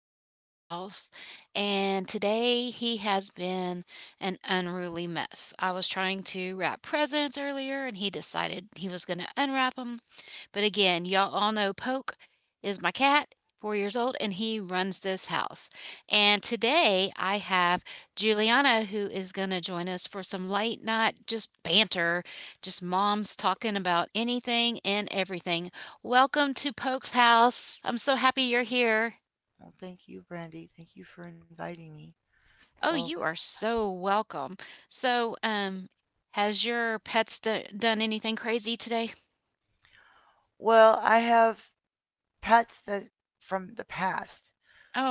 Poke's House. And today he has been an unruly mess. I was trying to wrap presents earlier and he decided he was going to unwrap them, but again, y'all all know Poke is my cat, 4 years old, and he runs this house. And today I have Juliana who is going to join us for some late night just banter, just moms talking about anything and everything. Welcome to Poke's house. I'm so happy you're here. Well, thank you, Brandy. Thank you for inviting me. Oh, So, you are so welcome. So, has your pets done anything crazy today? I have pets that from the past.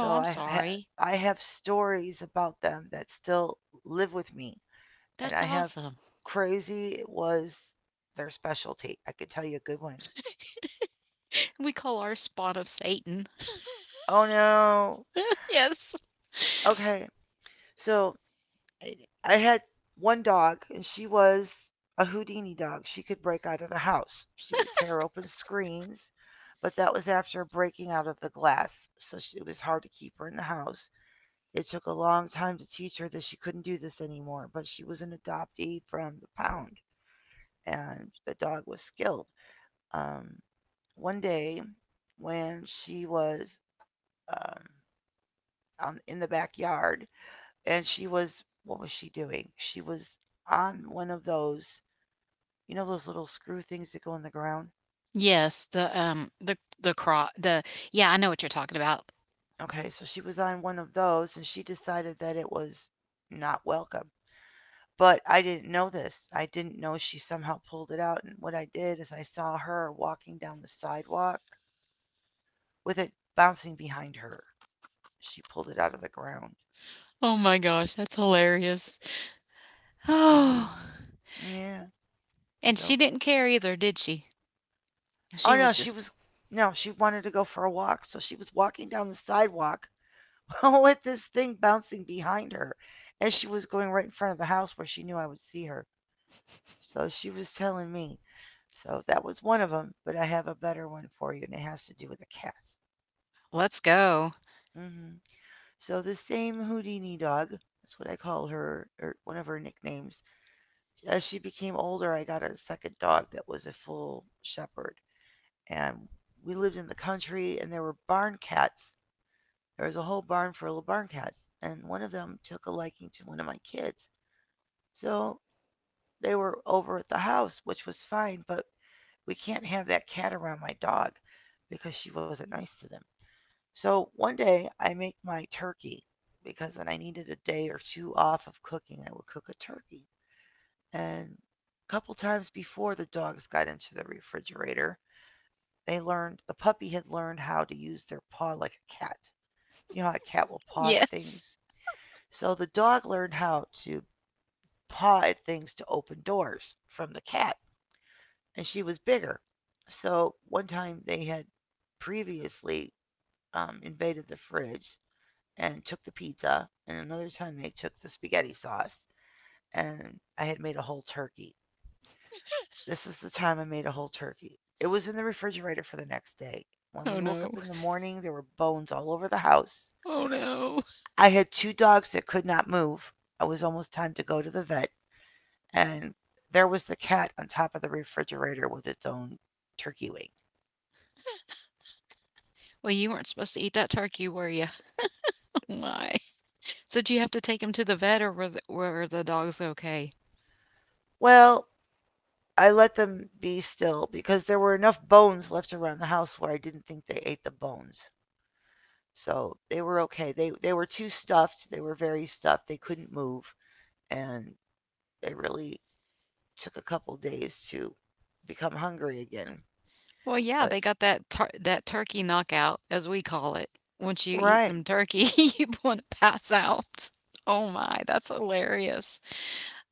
So I'm I ha- sorry. I have stories about them that still live with me, and That's I have awesome. crazy was their specialty. I could tell you a good one. We call our spawn of Satan. Oh no. Yes. Okay. So I I had one dog, and she was a Houdini dog. She could break out of the house. She would tear open screens, but that was after breaking out of the glass, so sh it was hard to keep her in the house. It took a long time to teach her that she couldn't do this anymore, but she was an adoptee from the pound, and the dog was skilled. Um, One day, when she was um, in the backyard, and she was what was she doing? She was on one of those, you know, those little screw things that go in the ground. Yes, the cro the yeah, I know what you're talking about. Okay, so she was on one of those, and she decided that it was not welcome. But I didn't know this. I didn't know she somehow pulled it out. And what I did is I saw her walking down the sidewalk with it bouncing behind her. She pulled it out of the ground. Oh my gosh, that's hilarious. Oh, Mm hmm. Yeah. and she So, didn't care either, did she? She oh no, was she just, was no, she wanted to go for a walk. So she was walking down the sidewalk with this thing bouncing behind her. And she was going right in front of the house where she knew I would see her. So she was telling me. So that was one of them, but I have a better one for you, and it has to do with a cat. "Let's go." Hmm. So the same Houdini dog, that's what I call her, or one of her nicknames. As she became older, I got a second dog that was a full shepherd. And we lived in the country, and there were barn cats. There was a whole barn full of barn cats, and one of them took a liking to one of my kids. So they were over at the house, which was fine, but we can't have that cat around my dog because she wasn't nice to them. So one day I make my turkey because when I needed a day or two off of cooking, I would cook a turkey. And a couple times before the dogs got into the refrigerator, they learned the puppy had learned how to use their paw like a cat. You know how a cat will paw at Yes. things. So the dog learned how to paw at things to open doors from the cat. And she was bigger. So one time they had previously invaded the fridge and took the pizza, and another time they took the spaghetti sauce, and I had made a whole turkey. This is the time I made a whole turkey. It was in the refrigerator for the next day. When Oh we woke no. up in the morning, there were bones all over the house. Oh no. I had two dogs that could not move. It was almost time to go to the vet, and there was the cat on top of the refrigerator with its own turkey wing. Well, you weren't supposed to eat that turkey, were you? Oh my. So, do you have to take him to the vet or were the dogs okay? Well, I let them be still because there were enough bones left around the house where I didn't think they ate the bones. So they were okay. They were too stuffed. They were very stuffed. They couldn't move, and they really took a couple days to become hungry again. Well, yeah, But they got that tur that turkey knockout, as we call it. Once you eat right. some turkey, you wanna pass out. Oh my, that's hilarious.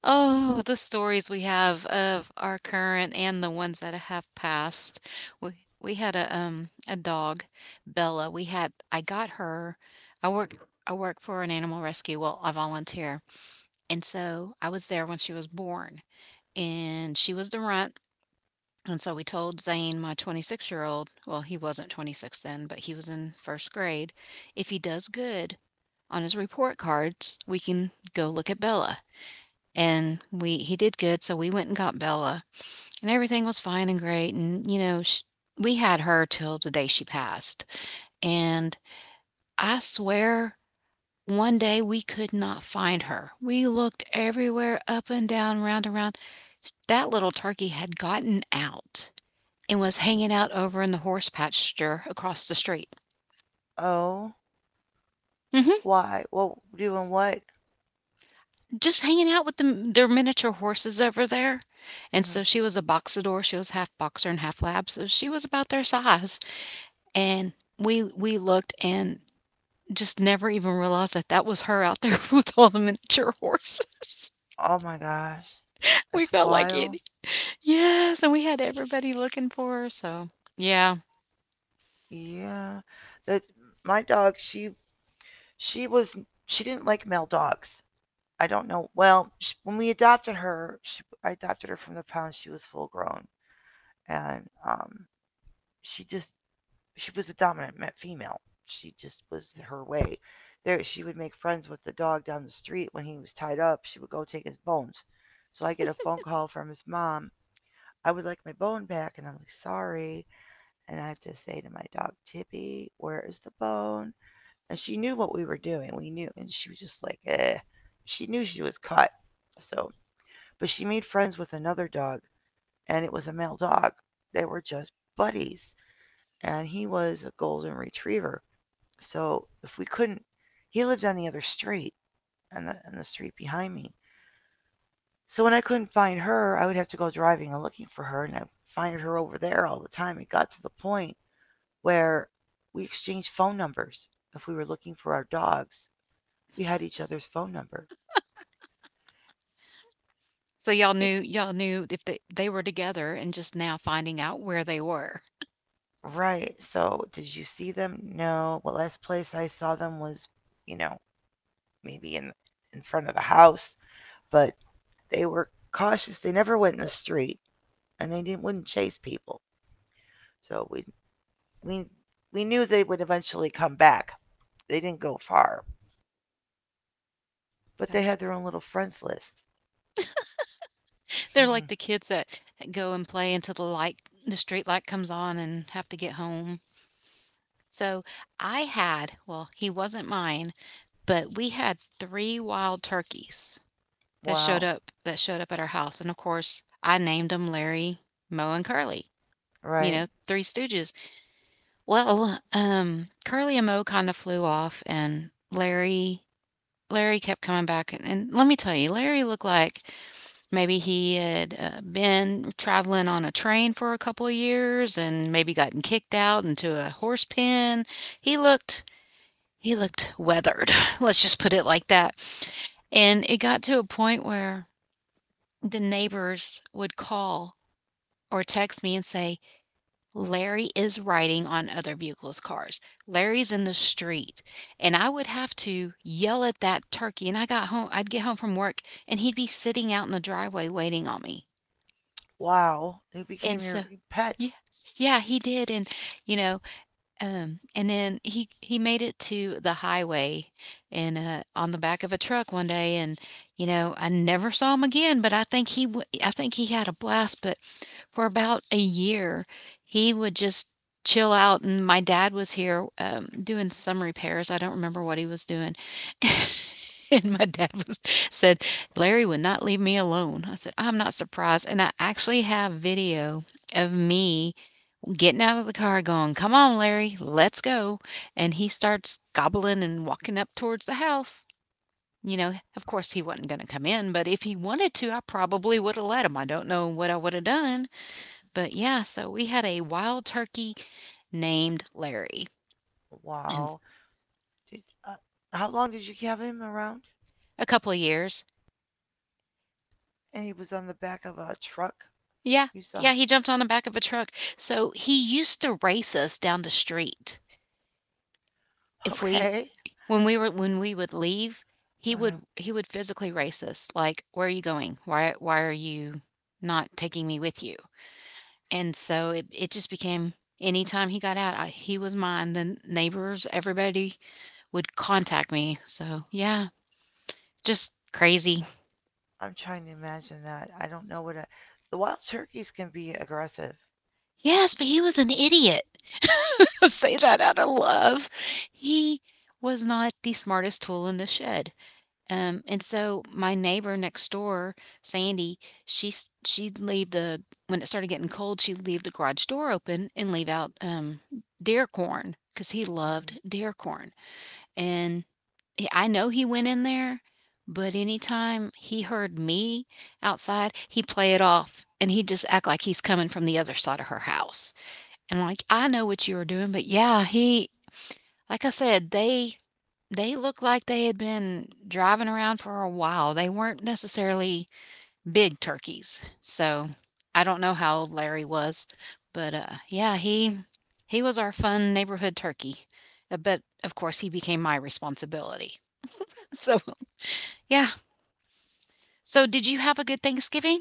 Oh, the stories we have of our current and the ones that have passed. We we had a dog, Bella. We had I got her. I work I work for an animal rescue, well, I volunteer, and so I was there when she was born, and she was the runt, and so we told Zane, my 26-year-old, well, he wasn't 26 then, but he was in first grade, if he does good on his report cards, we can go look at Bella. And we he did good, so we went and got Bella, and everything was fine and great. And you know, sh we had her till the day she passed. And I swear, one day we could not find her. We looked everywhere, up and down, round and round. That little turkey had gotten out and was hanging out over in the horse pasture across the street. Oh, Hmm. why? Well, doing what? Just hanging out with them, their miniature horses over there. And Hmm. so she was a boxador. She was half boxer and half lab. So she was about their size. And we looked and just never even realized that that was her out there with all the miniature horses. Oh my gosh. We That's felt like it. wild. Yes, and we had everybody looking for her. So yeah. Yeah. That My dog, she was she didn't like male dogs. I don't know. Well, sh when we adopted her, sh I adopted her from the pound. She was full grown, and um, she just she was a dominant female. She just was her way. There, she would make friends with the dog down the street when he was tied up. She would go take his bones. So I get a phone call from his mom. I would like my bone back, and I'm like, sorry. And I have to say to my dog Tippy, where is the bone? And she knew what we were doing. We knew, and she was just like, eh. She knew she was cut, so but she made friends with another dog, and it was a male dog. They were just buddies, and he was a golden retriever. So if we couldn't, he lived on the other street, on the street behind me. So when I couldn't find her, I would have to go driving and looking for her, and I find her over there all the time. It got to the point where we exchanged phone numbers. If we were looking for our dogs, we had each other's phone number. So Eh, y'all knew if they were together and just now finding out where they were. right. So did you see them? No. Well, last place I saw them was, you know, maybe in front of the house, but they were cautious. They never went in the street, and they didn't wouldn't chase people. So we we knew they would eventually come back. They didn't go far, but they That's had their own little friends list. They're like the kids that go and play until the street light comes on and have to get home. So I had, well, he wasn't mine, but we had three wild turkeys Wow, that showed up at our house, and of course, I named them Larry, Moe, and Curly, you right? know, three stooges. Well, Curly and Moe kinda flew off, and Larry kept coming back, and let me tell you, Larry looked like maybe he had been traveling on a train for a couple of years and maybe gotten kicked out into a horse pen. He looked he looked weathered. Let's just put it like that. And it got to a point where the neighbors would call or text me and say, Larry is riding on other vehicles' cars. Larry's in the street. And I would have to yell at that turkey. And I'd get home from work and he'd be sitting out in the driveway waiting on me. Wow, who And became so, your pet? yeah, yeah, he did. And, you know, and then he made it to the highway and on the back of a truck one day, and you know, I never saw him again. But I think I think he had a blast. But for about a year, he would just chill out, and my dad was here doing some repairs. I don't remember what he was doing. And my dad was said, Larry would not leave me alone. I said, I'm not surprised. And I actually have video of me getting out of the car, going, "Come on, Larry, let's go." And he starts gobbling and walking up towards the house. You know, of course, he wasn't going to come in, but if he wanted to, I probably would have let him. I don't know what I would have done. But yeah, so we had a wild turkey named Larry, and Wow, did how long did you have him around? a couple of years. And he was on the back of a truck. Yeah, You saw? yeah, he jumped on the back of a truck. So he used to race us down the street. If we Okay. When we were when we would leave, Uh-huh. He would physically race us, like, "Where are you going? Why are you not taking me with you?" And so it just became anytime he got out, he was mine. The neighbors, everybody would contact me. So, yeah, just crazy. I'm trying to imagine that. I don't know what I. The wild turkeys can be aggressive. Yes, but he was an idiot. Say that out of love. He was not the smartest tool in the shed. And so my neighbor next door, Sandy, she'd leave the when it started getting cold, she'd leave the garage door open and leave out deer corn because he Hmm. loved deer corn. And I know he went in there, but anytime he heard me outside, he'd play it off and he'd just act like he's coming from the other side of her house. And I'm like, I know what you were doing, but yeah, like I said, they looked like they had been driving around for a while. They weren't necessarily big turkeys. So I don't know how old Larry was, but yeah, he was our fun neighborhood turkey. But of course, he became my responsibility. So yeah. So did you have a good Thanksgiving?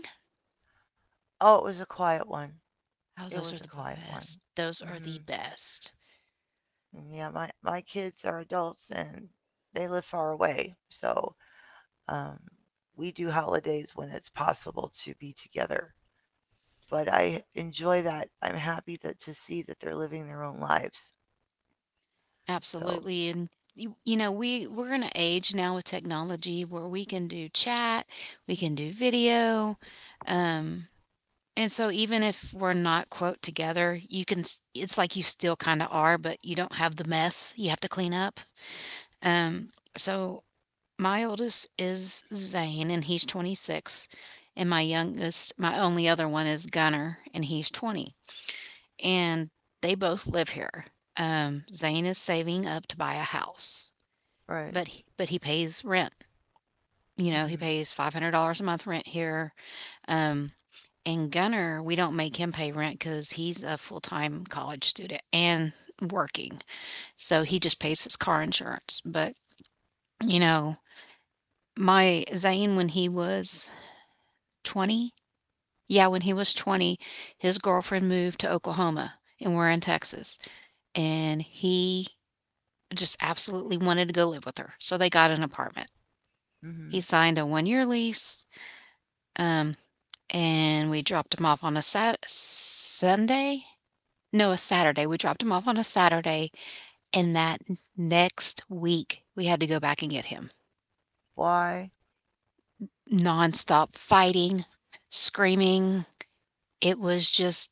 Oh, it was a quiet one. Oh, It those are was a the quiet one. best. Those are the Hmm. best. Yeah, my kids are adults and they live far away, so um, we do holidays when it's possible to be together. But I enjoy that. I'm happy that to see that they're living their own lives. So Absolutely, and you know, we're in an age now with technology where we can do chat, we can do video, um, and so even if we're not, quote, "together," you can s it's like you still kinda are, but you don't have the mess you have to clean up. So my oldest is Zane, and he's 26, and my only other one is Gunner, and he's 20, and they both live here. Zane is saving up to buy a house. right. But he pays rent. You know, he Hmm. pays $500 a month rent here. Um, and Gunner, we don't make him pay rent because he's a full time college student and working. So he just pays his car insurance. But, you know, my Zane, when he was 20, yeah, when he was 20, his girlfriend moved to Oklahoma and we're in Texas. And he just absolutely wanted to go live with her. So they got an apartment. He Hmm. signed a 1 year lease. Um, and we dropped him off on a Sunday. No, a Saturday. We dropped him off on a Saturday, and that next week we had to go back and get him. Why? Nonstop fighting, screaming. It was just,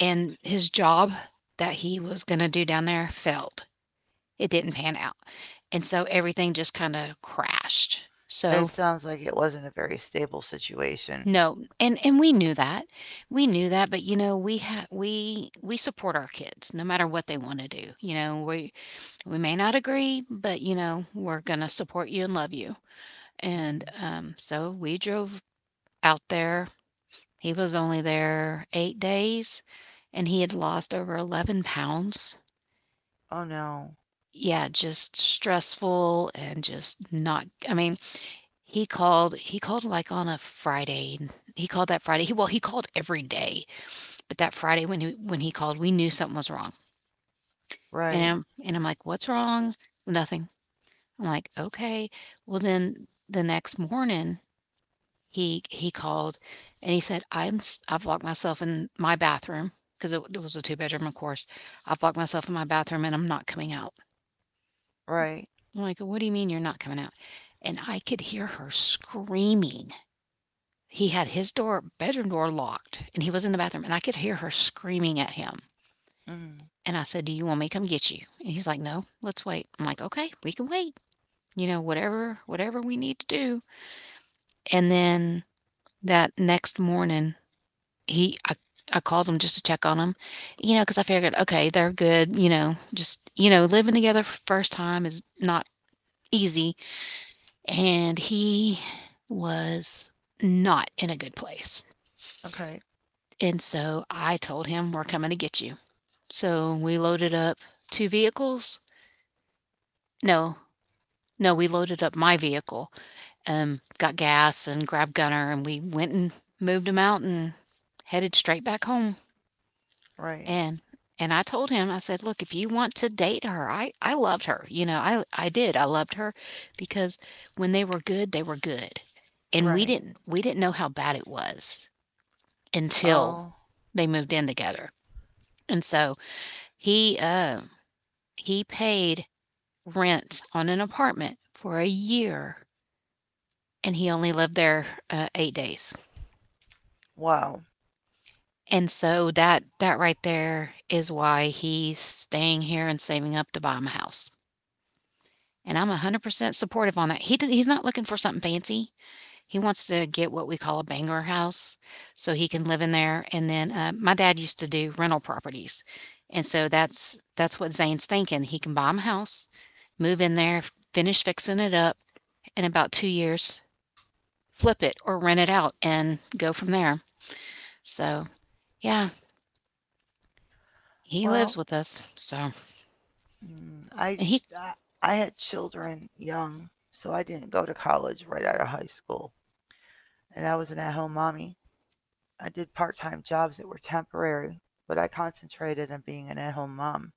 and his job that he was going to do down there failed. It didn't pan out. And so everything just kind of crashed. It So sounds like it wasn't a very stable situation. no, and we knew that. We knew that, but, you know, we support our kids no matter what they wanna do. You know, we may not agree, but, you know, we're gonna support you and love you, and, Hmm. So we drove out there. He was only there 8 days, and he had lost over 11 lbs. Oh no. Yeah, just stressful and just not. I mean, he called, like, on a Friday, he called that Friday he well, he called every day. But that Friday when he called, we knew something was wrong. And Right. I'm and I'm like, "What's wrong?" Nothing. I'm like, "Okay." Well, then the next morning he called and he said, I've locked myself in my bathroom because it was a two bedroom, of course. I've locked myself in my bathroom and I'm not coming out." Right. I'm like, "What do you mean you're not coming out?" And I could hear her screaming. He had his door bedroom door locked and he was in the bathroom and I could hear her screaming at him. Mm. And I said, "Do you want me to come get you?" And he's like, "No, let's wait." I'm like, "Okay, we can wait. Whatever we need to do." And then that next morning, he I, I called him just to check on him, you know, because I figured, okay, they're good, you know, just you know, living together for the first time is not easy, and he was not in a good place. Okay. And so I told him, "We're coming to get you." So we loaded up two vehicles. No, No, we loaded up my vehicle, got gas and grabbed Gunner, and we went and moved him out and headed straight back home. Right. And and I told him, I said, look, if you want to date her, I loved her. You know, I did. I loved her because when they were good, and we Right. didn't we didn't know how bad it was until Oh. they moved in together. And so he uh, he paid rent on an apartment for a year and he only lived there, 8 days. Wow. And so that right there is why he's staying here and saving up to buy him a house. And I'm 100% supportive on that. He's not looking for something fancy. He wants to get what we call a banger house so he can live in there. And then my dad used to do rental properties. And so that's what Zane's thinking. He can buy him a house, move in there, finish fixing it up in about 2 years, flip it or rent it out and go from there. So, yeah, he Well, lives with us. So, and mm, I, I he I had children young, so I didn't go to college right out of high school, and I was an at-home mommy. I did part-time jobs that were temporary, but I concentrated on being an at-home mom.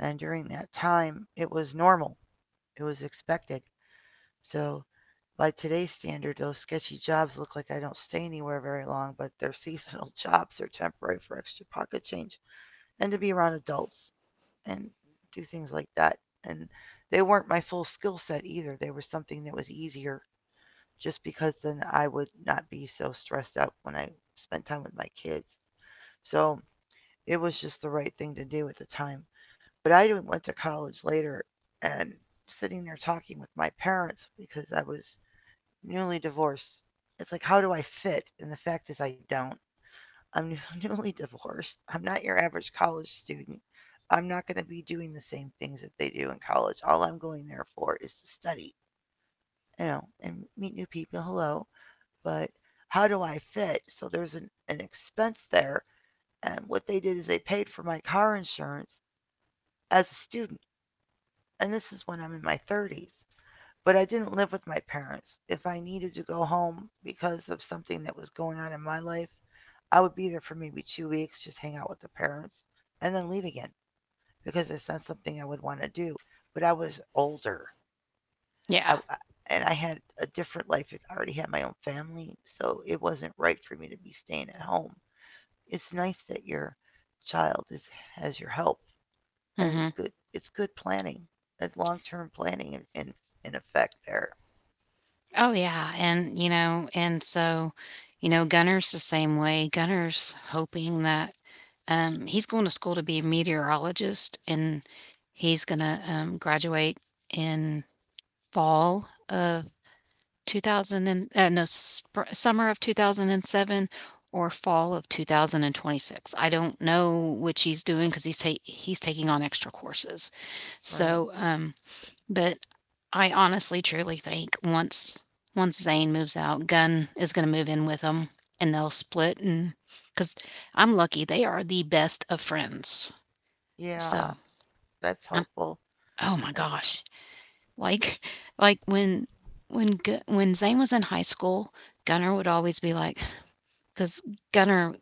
And during that time, it was normal. It was expected. So by today's standard, those sketchy jobs look like I don't stay anywhere very long, but they're seasonal jobs. They're temporary for extra pocket change and to be around adults and do things like that. And they weren't my full skill set either. They were something that was easier just because then I would not be so stressed out when I spent time with my kids. So it was just the right thing to do at the time. But I went to college later and sitting there talking with my parents because I was newly divorced. It's like, how do I fit? And the fact is, I don't. I'm newly divorced. I'm not your average college student. I'm not going to be doing the same things that they do in college. All I'm going there for is to study, you know, and meet new people. Hello. But how do I fit? So there's an expense there. And what they did is they paid for my car insurance as a student. And this is when I'm in my 30s. But I didn't live with my parents. If I needed to go home because of something that was going on in my life, I would be there for maybe 2 weeks, just hang out with the parents, and then leave again because it's not something I would want to do. But I was older, I, yeah. I- and I had a different life. I already had my own family, so it wasn't right for me to be staying at home. It's nice that your child is, has your help, and it's Mhm. good. It's good planning, and long-term planning, in effect there, Oh, yeah, and, Gunner's the same way. Gunner's hoping that, he's going to school to be a meteorologist, and he's gonna, graduate in fall of 2000 and no, spr summer of 2007 or fall of 2026. I don't know which he's doing because he's taking on extra courses. right? So, but I honestly, truly think once Zane moves out, Gunn is going to move in with him, and they'll split. And because I'm lucky, they are the best of friends. Yeah, So that's I'm. helpful. Oh my Uh, gosh! Like, like when Zane was in high school, Gunner would always be like, because Gunner.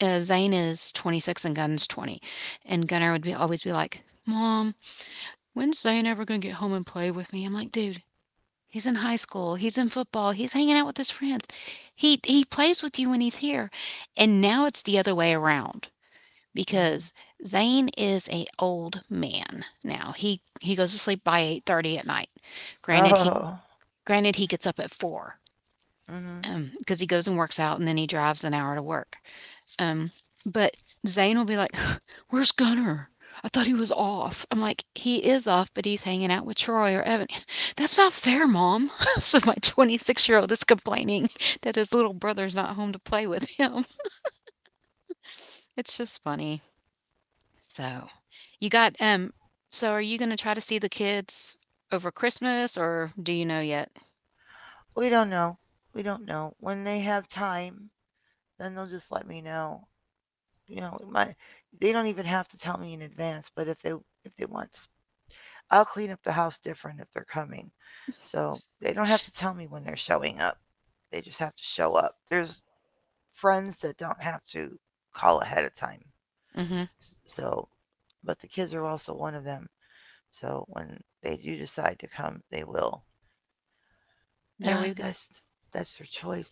Zane is 26 and Gunn's 20, and Gunner would be always be like, "Mom, when's Zane ever gonna get home and play with me?" I'm like, "Dude, he's in high school. He's in football. He's hanging out with his friends. He plays with you when he's here." And now it's the other way around because Mm-hmm. Zane is a old man now. He goes to sleep by 8:30 at night. Granted he Oh, granted he gets up at 4, hmm, because he goes and works out and then he drives an hour to work. Um, but Zane will be like, "Where's Gunner? I thought he was off." I'm like, "He is off, but he's hanging out with Troy or Evan." "That's not fair, Mom." So my 26-year-old is complaining that his little brother's not home to play with him. It's just funny. So, you got. So are you going to try to see the kids over Christmas, or do you know yet? we don't know. We don't know. When they have time, then they'll just let me know. You know, my they don't even have to tell me in advance. But if they want, I'll clean up the house different if they're coming. So they don't have to tell me when they're showing up. They just have to show up. There's friends that don't have to call ahead of time. Mm-hmm. So, but the kids are also one of them. So when they do decide to come, they will. Yeah, Yeah, we've got, that's their choice.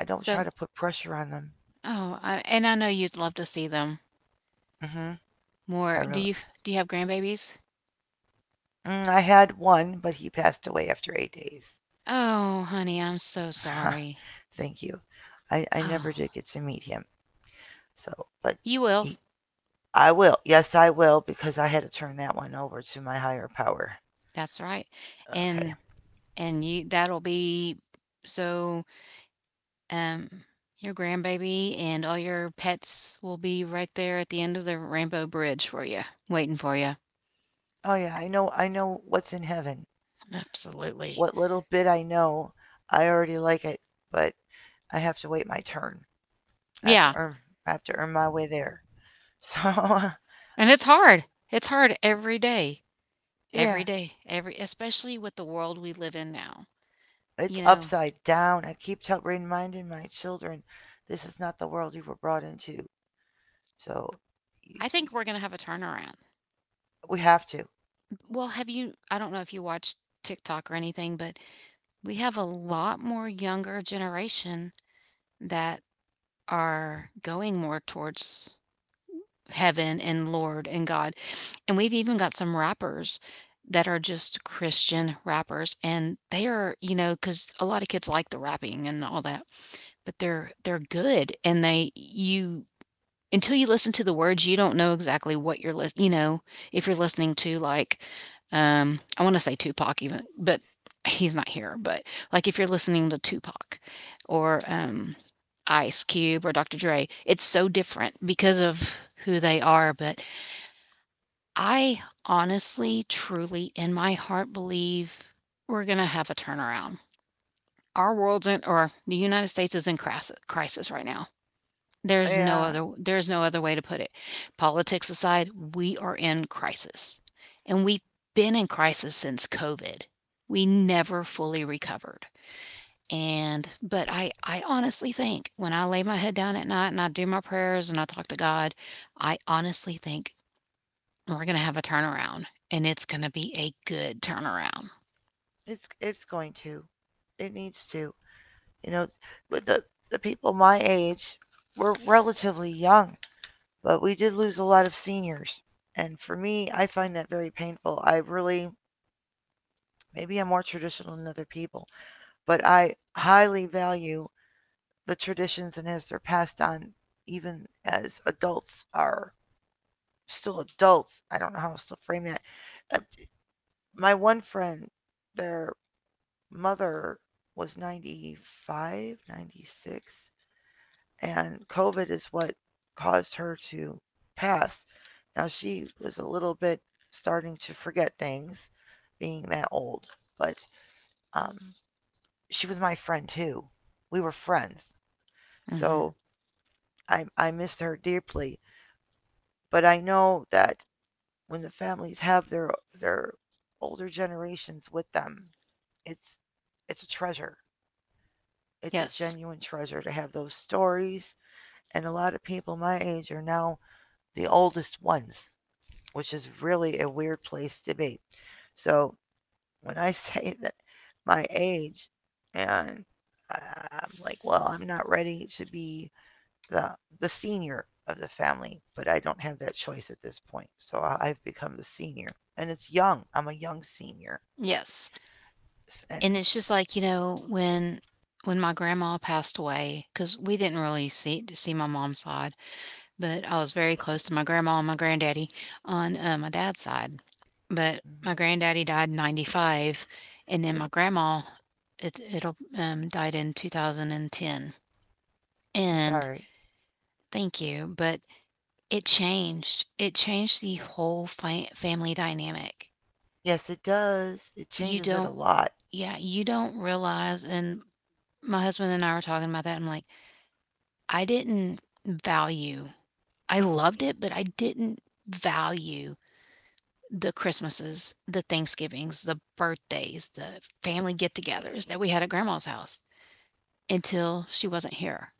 I don't try so. to put pressure on them. Oh, I, and I know you'd love to see them Hmm. I more. Really. Do you have grandbabies? Mm, I had one, but he passed away after 8 days. Oh, honey, I'm so sorry. Thank you. I never did Oh, get to meet him. So, but you will. he, I will. Yes, I will because I had to turn that one over to my higher power. That's right. Okay. And and you that'll be so um your grandbaby and all your pets will be right there at the end of the rainbow bridge for you, waiting for you. Oh yeah, I know. I know what's in heaven. Absolutely. What little bit I know, I already like it. But I have to wait my turn. I have to Yeah. earn my way there. So, And it's hard. It's hard every day. yeah. Every day. Every Especially with the world we live in now. It's You know, upside down. I keep tell reminding my children this is not the world you were brought into. So y- I y- think we're going to have a turnaround. we have to. Well, have you I don't know if you watched TikTok or anything, but we have a lot more younger generation that are going more towards heaven and Lord and God. And we've even got some rappers that are just Christian rappers and they are, you know, because a lot of kids like the rapping and all that, but they're good and they you until you listen to the words, you don't know exactly what you're listening. You know, if you're listening to, like, I wanna say Tupac even, but he's not here, but, like, if you're listening to Tupac or, Ice Cube or Dr. Dre, it's so different because of who they are, but I honestly, truly, in my heart believe we're gonna have a turnaround. Our world's in or The United States is in cras crisis right now. Yeah, There's no other way to put it. Politics aside, we are in crisis. And we've been in crisis since COVID. We never fully recovered. And but I honestly think when I lay my head down at night and I do my prayers and I talk to God, I honestly think we're going to have a turnaround and it's going to be a good turnaround. it's going to. It needs to. You know, with the people my age, we're relatively young, but we did lose a lot of seniors. And for me, I find that very painful. I really, maybe I'm more traditional than other people, but I highly value the traditions and as they're passed on, even as adults are still adults. I don't know how else to frame that. Uh, my one friend, their mother was 95 96, and covid is what caused her to pass. Now she was a little bit starting to forget things, being that old, but um, she was my friend too. We were friends. Mhm. So I missed her deeply, but I know that when the families have their older generations with them, it's it's a treasure. It's a Yes. genuine treasure to have those stories. And a lot of people my age are now the oldest ones, which is really a weird place to be. So when I say that, my age, and I am like, well, I'm not ready to be the the senior of the family, but I don't have that choice at this point. So I've become the senior, and it's young. I'm a young senior, Yes. and And it's just like, you know, when my grandma passed away because we didn't really see my mom's side, but I was very close to my grandma and my granddaddy on, my dad's side. But my mm, granddaddy died in '95, and then my grandma, it it'll died in 2010. I'm And sorry. thank you, but it changed. It changed the whole fa family dynamic. Yes, it does. It You changes it a don't lot. yeah, you don't realize. And my husband and I were talking about that, I'm like, I didn't value, I loved it, but I didn't value the Christmases, the Thanksgivings, the birthdays, the family get togethers that we had at grandma's house until she wasn't here.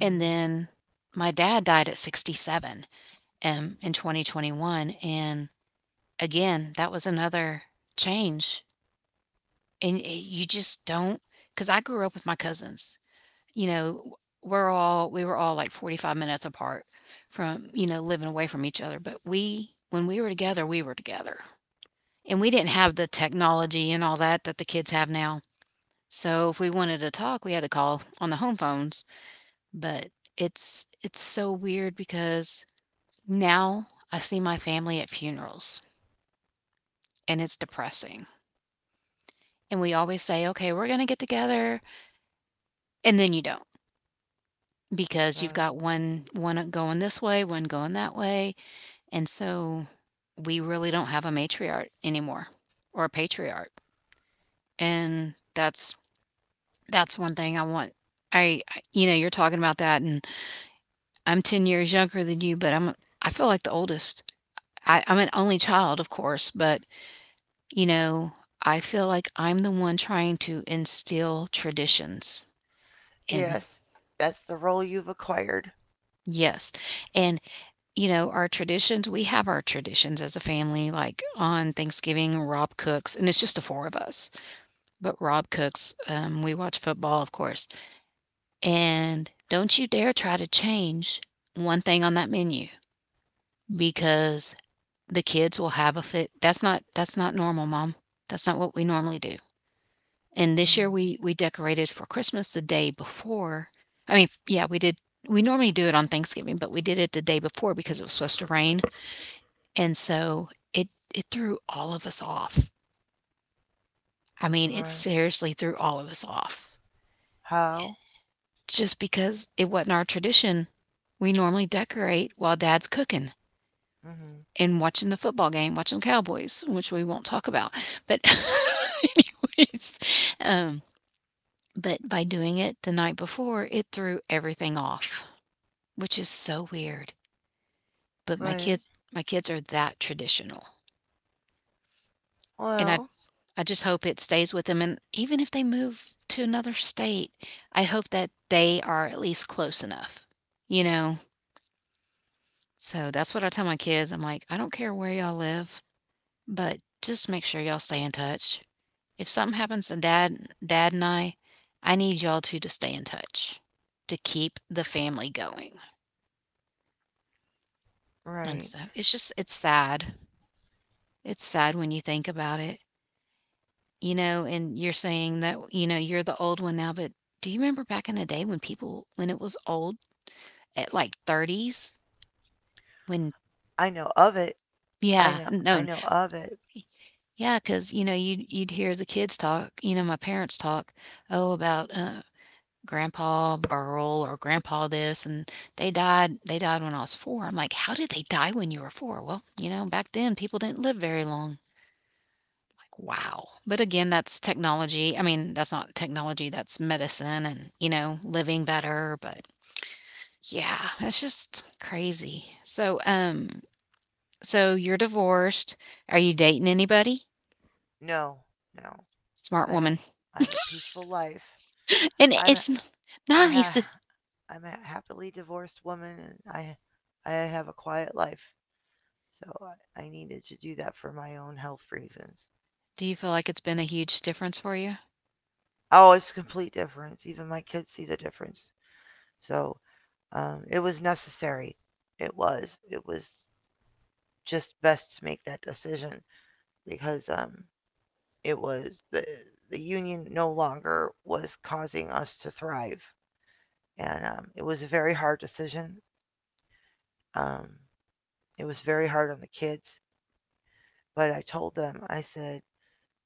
And then my dad died at 67, in 2021. And again, that was another change. You just don't, because I grew up with my cousins, you know, we were all like 45 minutes apart from, you know, living away from each other, but we when we were together, we were together. And we didn't have the technology and all that that the kids have now. So if we wanted to talk, we had to call on the home phones, but it's so weird because now I see my family at funerals and it's depressing. And we always say, "Okay, we're going to get together." And then you don't because you've Right. got one going this way, one going that way. And so we really don't have a matriarch anymore or a patriarch. And that's one thing I want. You know, you're talking about that and I'm 10 years younger than you, but I feel like the oldest. I'm an only child, of course, but you know, I feel like I'm the one trying to instill traditions in, Yes, that's the role you've acquired. yes. And you know, our traditions, we have our traditions as a family, like on Thanksgiving, Rob cooks, and it's just the four of us, but Rob cooks. We watch football, of course. And don't you dare try to change one thing on that menu because the kids will have a fit. That's not normal, mom. That's not what we normally do. And this year Hmm. we decorated for Christmas the day before. I mean, yeah, we did. We normally do it on Thanksgiving, but we did it the day before because it was supposed to rain, and so it it threw all of us off. I mean, it Right. seriously threw all of us off. How? Just because it wasn't our tradition. We normally decorate while dad's cooking Hmm. and watching the football game, watching the Cowboys, which we won't talk about. But anyways, um, but by doing it the night before, it threw everything off, which is so weird. But my Right. kids, my kids are that traditional, and Well. I just hope it stays with them. And even if they move to another state, I hope that they are at least close enough, you know. So that's what I tell my kids. I'm like, I don't care where y'all live, but just make sure y'all stay in touch. If something happens to dad, dad and I, I need y'all two to stay in touch to keep the family going. And Right. so it's just, it's sad. It's sad when you think about it, you know, and you're saying that, you know, you're the old one now, but do you remember back in the day when people, when it was old at like thirties? When, I know of it. I yeah, know. I no, know of it. Yeah, because you know, you'd hear the kids talk, you know, my parents talk, oh, about, Grandpa Burl or Grandpa this, and they died when I was 4. I'm like, "How did they die when you were 4?" Well, you know, back then, people didn't live very long. Like, wow. But again, that's technology. I mean, that's not technology, that's medicine and, you know, living better, but yeah, it's just crazy. So, so you're divorced. Are you dating anybody? No. No. Smart I have. woman. I have a peaceful life. And I'm it's n I'm ha nice. I'm a happily divorced woman and I have a quiet life. So I needed to do that for my own health reasons. Do you feel like it's been a huge difference for you? Oh, it's a complete difference. Even my kids see the difference. So it was necessary. It was. It was just best to make that decision because it was the the union no longer was causing us to thrive, and it was a very hard decision. Um, it was very hard on the kids. But I told them, I said,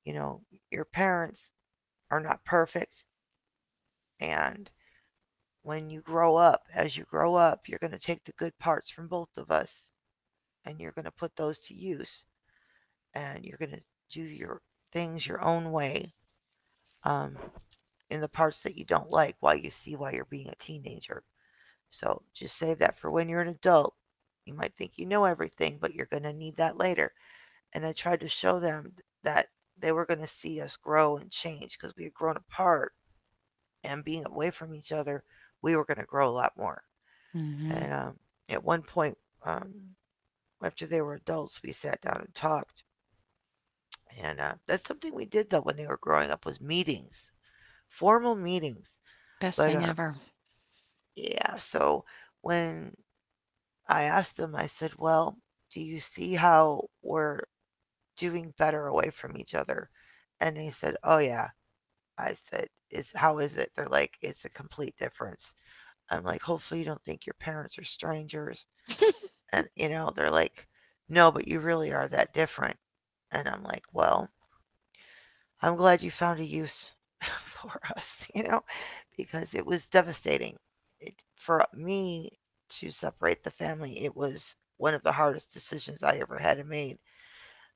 you know, your parents are not perfect. And when you grow up, as you grow up, you're going to take the good parts from both of us and you're going to put those to use. And you're going to do your things your own way, um, in the parts that you don't like while you see why you're being a teenager. So just save that for when you're an adult. You might think you know everything, but you're going to need that later. And I tried to show them that they were going to see us grow and change because we had grown apart, and being away from each other, we were going to grow a lot more. Mhm. And at one point, um, after they were adults, we sat down and talked. And that's something we did though when they were growing up was meetings, formal meetings. Best But thing ever. yeah, so when I asked them, I said, "Well, do you see how we're doing better away from each other?" And they said, "Oh yeah." I said, "Is how is it?" They're like, "It's a complete difference." I'm like, "Hopefully you don't think your parents are strangers." And you know, they're like, "No, but you really are that different." And I'm like, "Well, I'm glad you found a use for us, you know, because it was devastating. It, for me to separate the family, it was one of the hardest decisions I ever had to make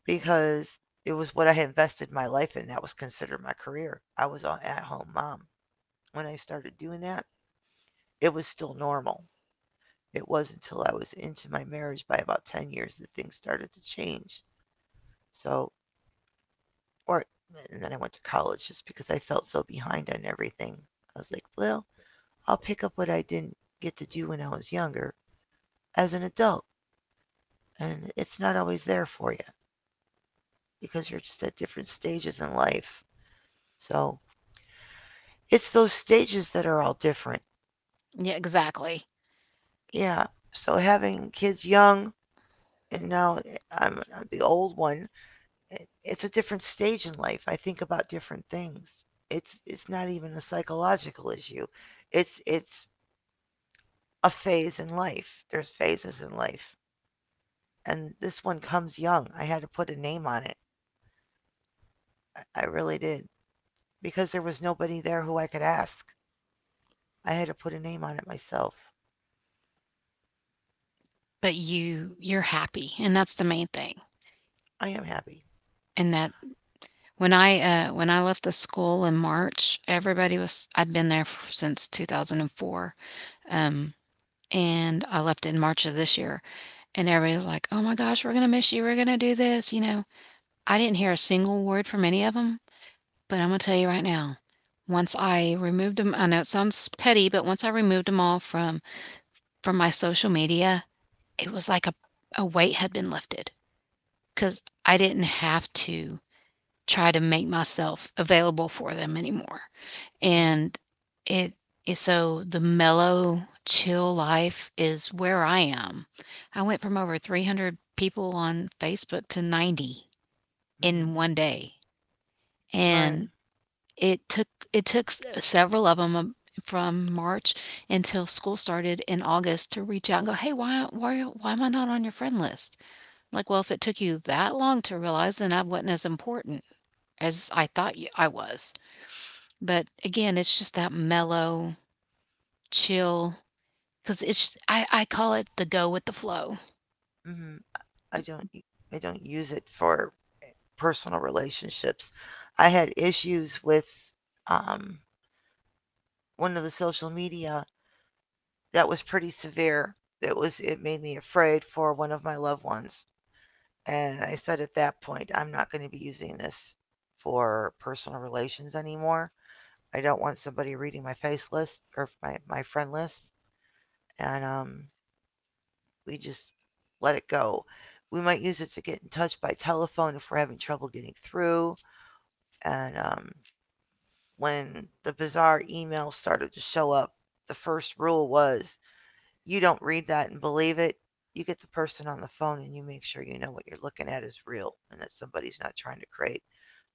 because it was what I had invested my life in. That was considered my career. I was an at home mom. When I started doing that, it was still normal. It wasn't until I was into my marriage by about 10 years that things started to change. So, or, and then I went to college just because I felt so behind on everything. I was like, well, I'll pick up what I didn't get to do when I was younger, as an adult. And it's not always there for you because you're just at different stages in life. So, it's those stages that are all different. Yeah, exactly. Yeah. So, having kids young, and now I'm the old one, it's a different stage in life. I think about different things. It's not even a psychological issue. It's a phase in life. There's phases in life, and this one comes young. I had to put a name on it. Really did because there was nobody there who I could ask. I had to put a name on it myself. But you're happy, and that's the main thing. I am happy. And that when I, When I left the school in March, everybody was I'd been there f since 2004, um, and I left in March of this year, and everybody was like, "Oh my gosh, we're gonna miss you, we're gonna do this," you know? I didn't hear a single word from any of them. But I'm gonna tell you right now. Once I removed them, I know it sounds petty, but once I removed them all from my social media, it was like a weight had been lifted because I didn't have to try to make myself available for them anymore. Mhm. And it is, so the mellow, chill life is where I am. I went from over 300 people on Facebook to 90 in Mhm. one day. Right. And it took s several of them from March until school started in August to reach out and go, "Hey, why am I not on your friend list?" I'm like, "Well, if it took you that long to realize, then I wasn't as important as I thought you I was." But again, it's just that mellow, chill, because I call it the go with the flow. Mhm. I don't I I don't use it for personal relationships. I had issues with um one of the social media that was pretty severe. It was, it made me afraid for one of my loved ones. And I said at that point, I'm not going to be using this for personal relations anymore. I don't want somebody reading my face list or my friend list. And we just let it go. We might use it to get in touch by telephone if we're having trouble getting through. And when the bizarre emails started to show up, the first rule was: you don't read that and believe it. You get the person on the phone and you make sure you know what you're looking at is real and that somebody's not trying to create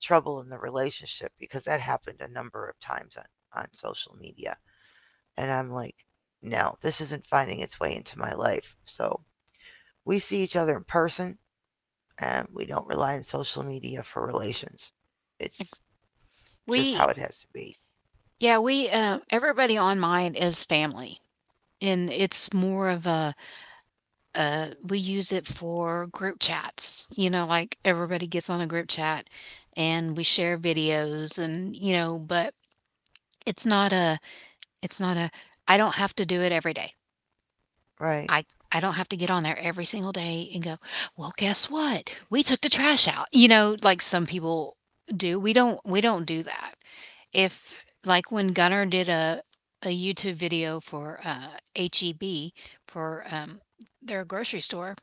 trouble in the relationship because that happened a number of times on, social media. And I'm like, no, this isn't finding its way into my life. So we see each other in person and we don't rely on social media for relations. It's Ex we just how it has to be. Yeah, everybody on mine is family, and it's more of a we use it for group chats. You know, like everybody gets on a group chat and we share videos, and but it's not a it's not a I don't have to do it every day. Right. I I don't have to get on there every single day and go, "Well, guess what? We took the trash out." You know, like some people do. We don't do that. If like when Gunner did a YouTube video for HEB for their grocery store,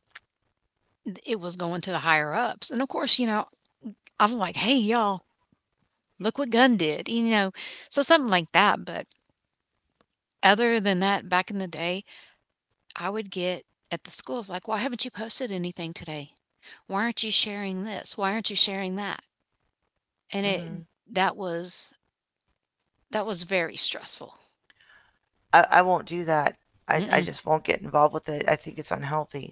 it was going to the higher ups. And of course, I'm like, hey, y'all, look what Gunn did, so something like that. But other than that, back in the day, I would get at the schools like, why haven't you posted anything today? Why aren't you sharing this? Why aren't you sharing that? And it Hmm. that was that was very stressful. I won't do that. I Mm-mm. just won't get involved with it. I think it's unhealthy.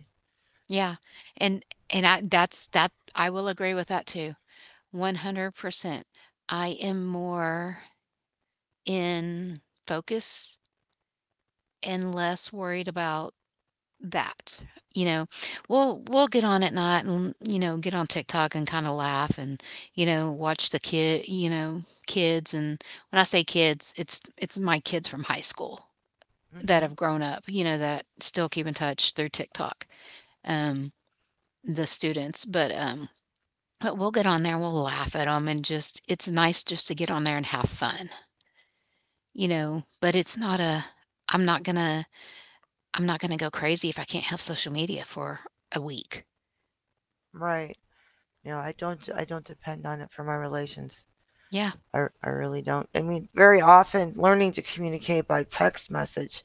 Yeah, and and I will agree with that too, 100%. I am more in focus and less worried about that. You know, we'll get on at night and get on TikTok and kind of laugh and watch the kids, and when I say kids, it's my kids from high school that Hmm. have grown up. You know that still keep in touch through TikTok. Um, the students, but but we'll get on there, we'll laugh at them, and just it's nice just to get on there and have fun. You know, but it's not a I'm not gonna I'm not gonna go crazy if I can't have social media for a week. Right. You know, I don't depend on it for my relations. Yeah. I Really don't. I mean, very often learning to communicate by text message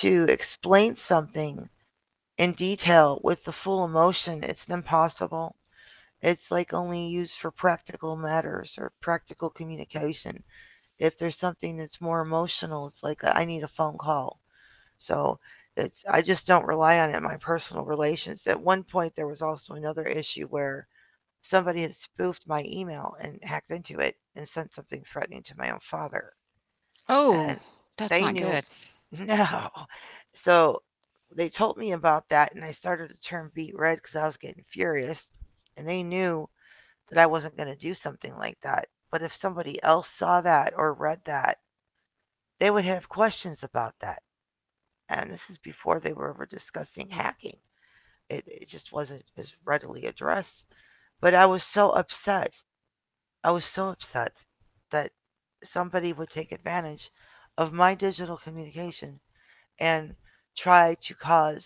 to explain something in detail with the full emotion, it's impossible. It's like only used for practical matters or practical communication. If there's something that's more emotional, it's like I need a phone call. So it's, I just don't rely on it in my personal relations. At one point there was also another issue where somebody had spoofed my email and hacked into it and sent something threatening to my own father. Oh, And that's they not knew good. no. So they told me about that, and I started to turn beet red because I was getting furious. And they knew that I wasn't going to do something like that. But if somebody else saw that or read that, they would have questions about that. And this is before they were ever discussing hacking. It just wasn't as readily addressed. But I was so upset, I was so upset that somebody would take advantage of my digital communication and try to cause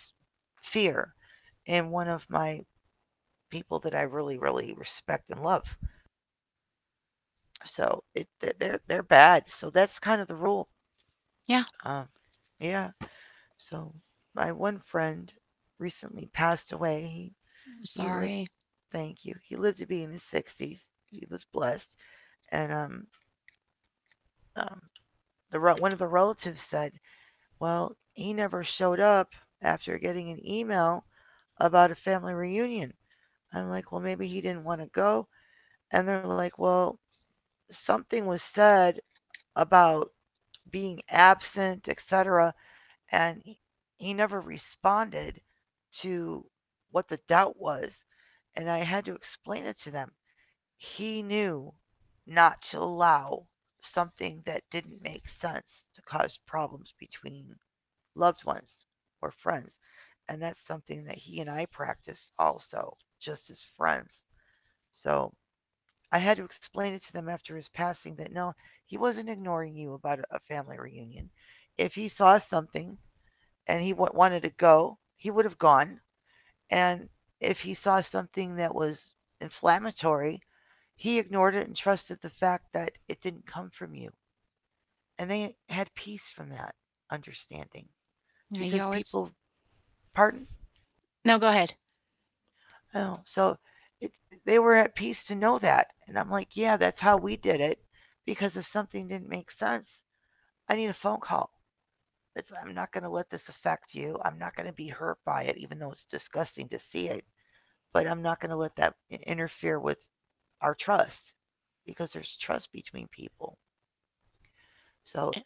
fear in one of my people that I really, really respect and love. So it, they're bad. So that's kind of the rule. Yeah. Um, yeah. So my one friend recently passed away. I'm He lived. sorry. Thank you. He lived to be in his sixties. He was blessed. And um the one of the relatives said, well, he never showed up after getting an email about a family reunion. I'm like, well, maybe he didn't want to go. And they're like, well, something was said about being absent, etc. And he never responded to what the doubt was. And I had to explain it to them. He knew not to allow something that didn't make sense to cause problems between loved ones, or friends. And that's something that he and I practice also, just as friends. So I had to explain it to them after his passing that no, he wasn't ignoring you about a family reunion. If he saw something and he wanted to go, he would have gone. And if he saw something that was inflammatory, he ignored it and trusted the fact that it didn't come from you. And they had peace from that understanding Yeah, you because always people, pardon? no, go ahead. Oh, so it, they were at peace to know that. And I'm like, yeah, that's how we did it. Because if something didn't make sense, I need a phone call. It's, I'm not going to let this affect you. I'm not going to be hurt by it, even though it's disgusting to see it. But I'm not going to let that interfere with our trust because there's trust between people. So Eh,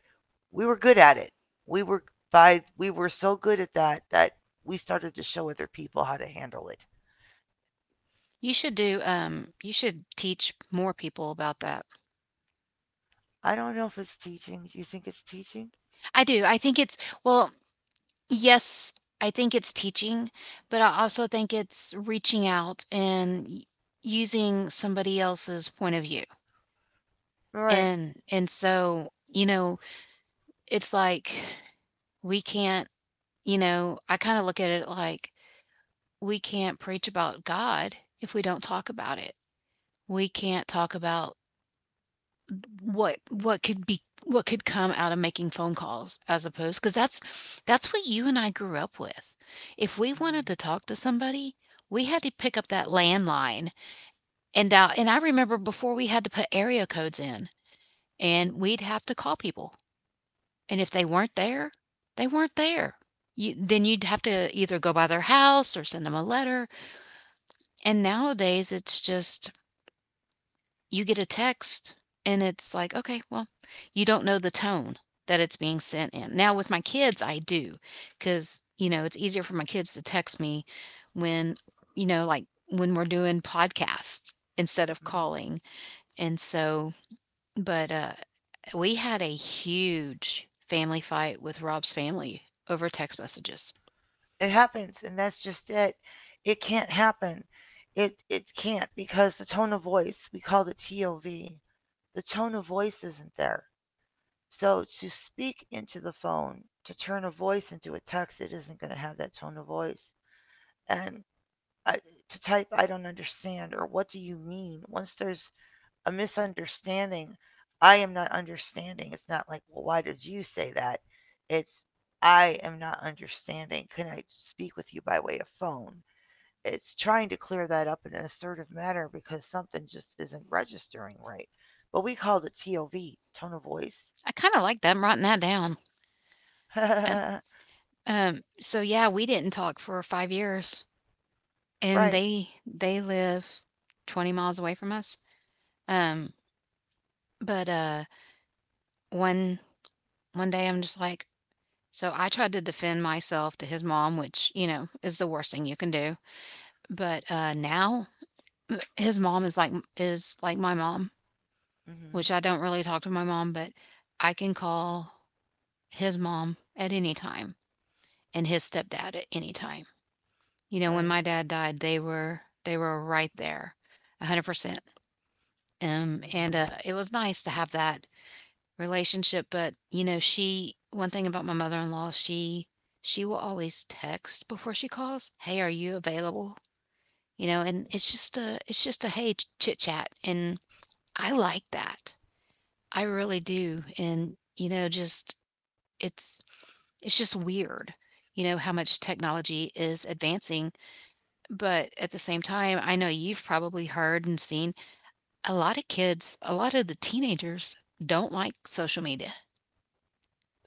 we were good at it. We were we were so good at that that we started to show other people how to handle it. You should teach more people about that. I don't know if it's teaching. Do you think it's teaching? I do. I think it's, well, yes, I think it's teaching, but I also think it's reaching out and using somebody else's point of view. All right. And so, it's like we can't, I kind of look at it like we can't preach about God if we don't talk about it. We can't talk about what could come out of making phone calls as opposed because that's what you and I grew up with. If we wanted Mhm. to talk to somebody, we had to pick up that landline and dial, and I remember before we had to put area codes in and we'd have to call people. And if they weren't there, they weren't there. Then you'd have to either go by their house or send them a letter. And nowadays, it's just you get a text and it's like, okay, well, you don't know the tone that it's being sent in. Now with my kids, I do because, it's easier for my kids to text me when, we're doing podcasts instead of Mm. calling. And so, but we had a huge family fight with Rob's family over text messages. It happens, and that's just it. It can't happen. It can't because the tone of voice, we called it TOV. The tone of voice isn't there. So to speak into the phone, to turn a voice into a text, it isn't going to have that tone of voice. And I, to type, I don't understand, or what do you mean? Once there's a misunderstanding. I am not understanding. It's not like, well, why did you say that? It's, I am not understanding. Can I speak with you by way of phone? It's trying to clear that up in an assertive manner because something just isn't registering right. But we called it TOV, tone of voice. I kind of like that. I'm writing that down. Uh, Right. So yeah, we didn't talk for 5 years and they live 20 miles away from us. Um, but one one day I'm just like, so I tried to defend myself to his mom, which you know is the worst thing you can do. But Now his mom is like my mom, Hmm. which I don't really talk to my mom, but I can call his mom at any time and his stepdad at any time. You know, when my Right. dad died, they were right there, 100%. And Hmm. It was nice to have that relationship, but she one thing about my mother-in-law, she will always text before she calls, "Hey, are you available?" And it's just a hey chit chat, and I like that. I really do, and just it's just weird, how much technology is advancing, but at the same time, I know you've probably heard and seen a lot of kids, a lot of the teenagers don't like social media.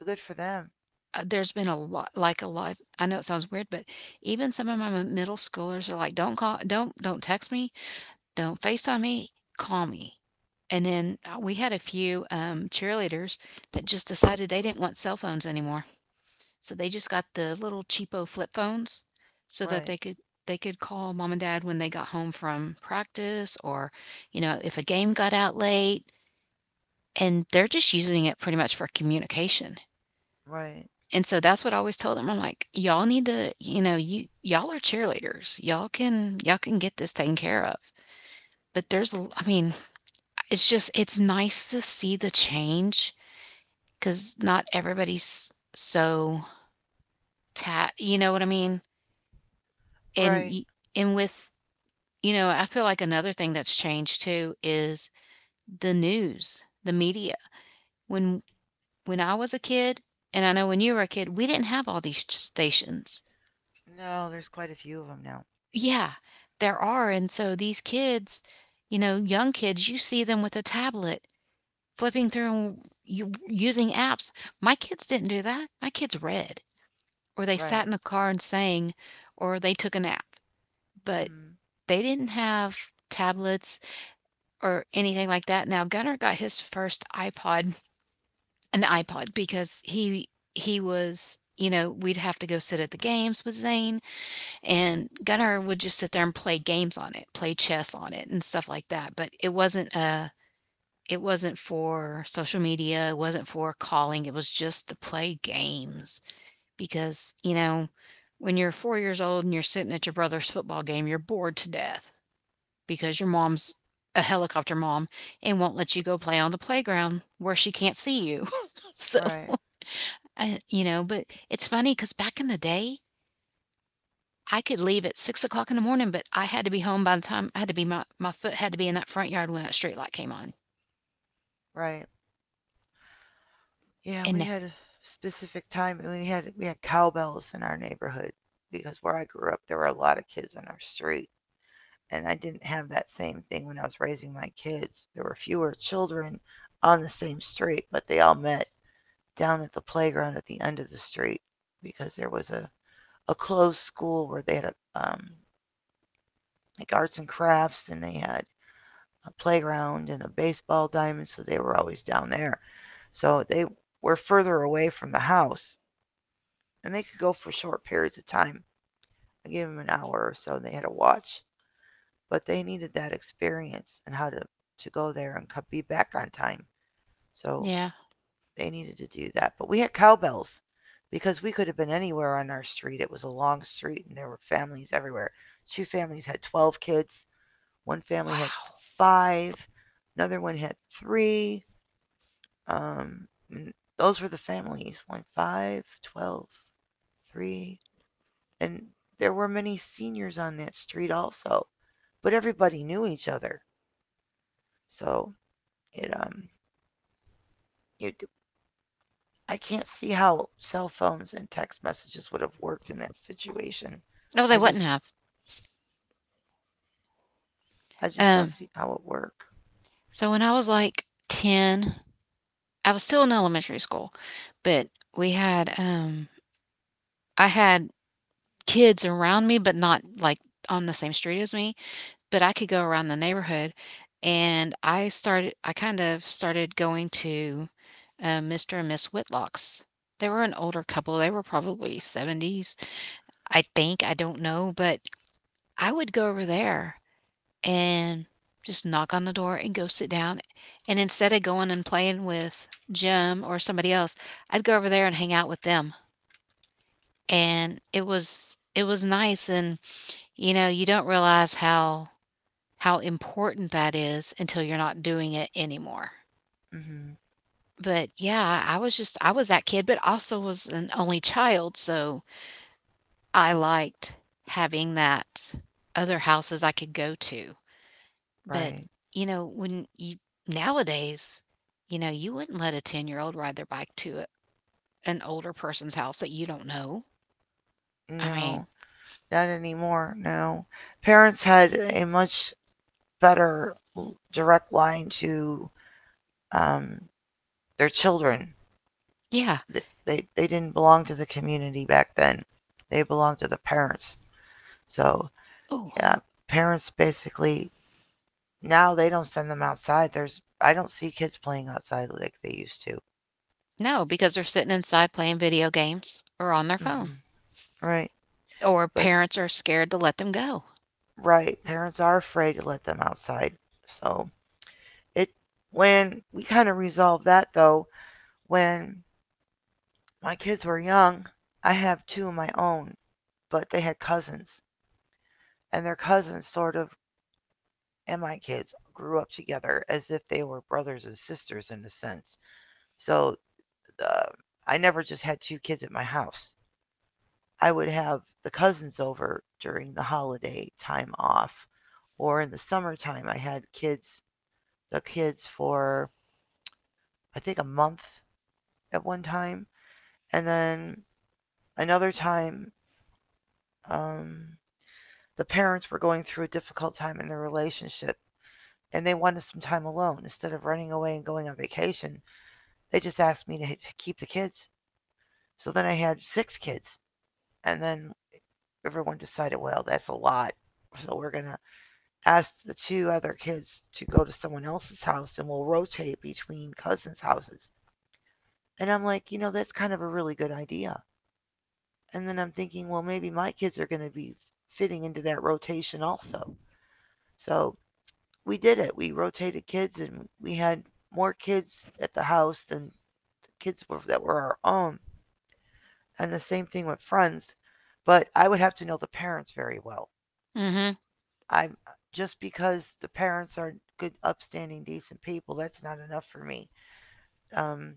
So good for them. There's been a lot, like a lot, I know it sounds weird, but even some of my middle schoolers are like, "Don't text me, don't FaceTime me, call me." And then, we had a few, cheerleaders that just decided they didn't want cell phones anymore, so they just got the little cheapo flip phones so that Right. they could call mom and dad when they got home from practice, or, you know, if a game got out late, and they're just using it pretty much for communication. Right. And so that's what I always told them. I'm like, y'all need to, you know, you y'all are cheerleaders. Y'all can get this taken care of. But there's I mean, it's nice to see the change cuz not everybody's so ta you know what I mean? And Right. y- and with, I feel like another thing that's changed too is the news, the media. When when I was a kid, and I know when you were a kid, we didn't have all these stations. No, there's quite a few of them now. Yeah, there are. And so these kids, young kids, you see them with a tablet flipping through and using apps. My kids didn't do that. My kids read, or they sat Right. in the car and sang, or they took a nap, but Hmm. they didn't have tablets or anything like that. Now, Gunnar got his first iPod, an iPod, because he was, we'd have to go sit at the games with Zane. And Gunnar would just sit there and play games on it, play chess on it and stuff like that, but it wasn't for social media, it wasn't for calling, it was just to play games because, when you're 4 years old and you're sitting at your brother's football game, you're bored to death because your mom's a helicopter mom and won't let you go play on the playground where she can't see you. So, Right. But it's funny because back in the day, I could leave at 6 o'clock in the morning, but I had to be home by the time I had to be my foot had to be in that front yard when that street light came on. Right. Yeah, we And had a specific time, we had cowbells in our neighborhood because where I grew up there were a lot of kids on our street, and I didn't have that same thing when I was raising my kids. There were fewer children on the same street, but they all met down at the playground at the end of the street because there was a closed school where they had a, like arts and crafts, and they had a playground and a baseball diamond, so they were always down there. So they were further away from the house, and they could go for short periods of time. I gave them an hour or so, and they had a watch. But they needed that experience and how to go there and be back on time. So yeah, they needed to do that. But we had cowbells because we could have been anywhere on our street. It was a long street, and there were families everywhere. Two families had 12 kids, one family had wow. five, another one had three. Um, those were the families: one, five, 12, three. And there were many seniors on that street also, but everybody knew each other. So it um it I can't see how cell phones and text messages would have worked in that situation. No, they I wouldn't just have. I just don't Um, see how it would work. so when I was like 10, I was still in elementary school, but we had I had kids around me, but not like on the same street as me, but I could go around the neighborhood, and I started. I kind of started going to Mr. and Miss Whitlock's. They were an older couple. They were probably 70s, I think. I don't know, but I would go over there and just knock on the door and go sit down. And instead of going and playing with Jim or somebody else, I'd go over there and hang out with them. And it was nice and you don't realize how important that is until you're not doing it anymore. Hmm. But yeah, I was that kid, but also was an only child, so I liked having that other houses I could go to. But, Right. When you nowadays, you know, you wouldn't let a 10-year-old ride their bike to an older person's house that you don't know. I mean, No, not anymore. No. Parents had a much better direct line to um, their children. yeah. They didn't belong to the community back then. They belonged to the parents. So yeah, Oh, parents basically now they don't send them outside. There's I don't see kids playing outside like they used to. no, because they're sitting inside playing video games or on their phone, Hmm. Right, or but parents are scared to let them go. right, parents are afraid to let them outside. So it when we kind of resolved that though, when my kids were young, I have two of my own, but they had cousins, and their cousins sort of and my kids grew up together as if they were brothers and sisters in a sense. So uh, I never just had two kids at my house. I would have the cousins over during the holiday time off, or in the summertime. I had kids, the kids for I think a month at one time, and then another time, um, the parents were going through a difficult time in their relationship, and they wanted some time alone instead of running away and going on vacation. They just asked me to, hey, to keep the kids. So then I had six kids, and then everyone decided, well, that's a lot. So we're going to ask the two other kids to go to someone else's house, and we'll rotate between cousins' houses. And I'm like, you know, that's kind of a really good idea. And then I'm thinking, well, maybe my kids are going to be fitting into that rotation also. So we did it. We rotated kids, and we had more kids at the house than kids were, that were our own. And the same thing with friends. But I would have to know the parents very well. Hmm. I'm Just because the parents are good, upstanding, decent people, that's not enough for me. Um,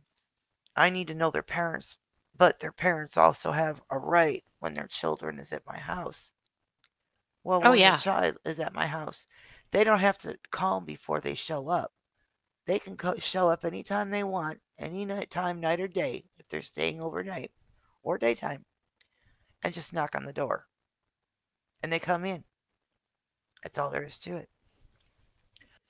I need to know their parents, but their parents also have a right when their children is at my house. Well, Oh when their yeah. child is at my house, they don't have to call before they show up. They can show up anytime they want, any night time, night or day, if they're staying overnight or daytime, and just knock on the door, and they come in. That's all there is to it.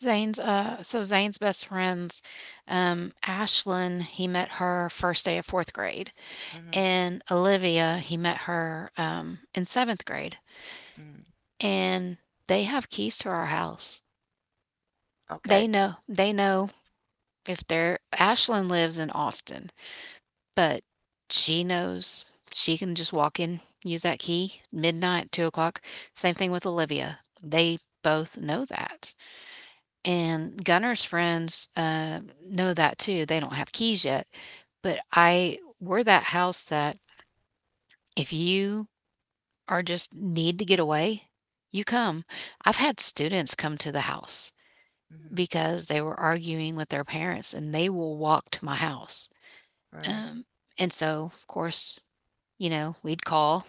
Zane's so Zane's best friends, Ashlyn, he met her first day of fourth grade. Mhm. And Olivia, he met her in seventh grade. Mm. And they have keys to our house. They Okay. know they know if they're Ashlyn lives in Austin, but she knows she can just walk in, use that key, midnight, 2 o'clock. Same thing with Olivia. They both know that. And Gunner's friends know that too. They don't have keys yet, but I we're that house that if you are just need to get away, you come. I've had students come to the house Mhm. because they were arguing with their parents, and they will walk to my house. Right. Um, and so, of course, we'd call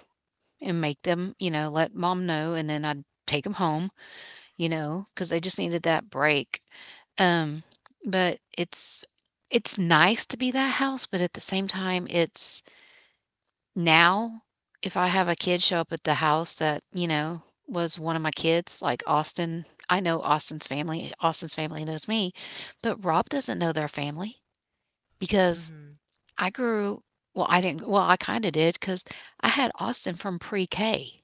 and make them, you know, let mom know, and then I'd take them home, you know, because they just needed that break. Um, but it's nice to be that house, but at the same time, it's now if I have a kid show up at the house that, you know, was one of my kids, like Austin, I know Austin's family knows me, but Rob doesn't know their family because Mhm. I grew I didn't I kind of did because I had Austin from pre-K.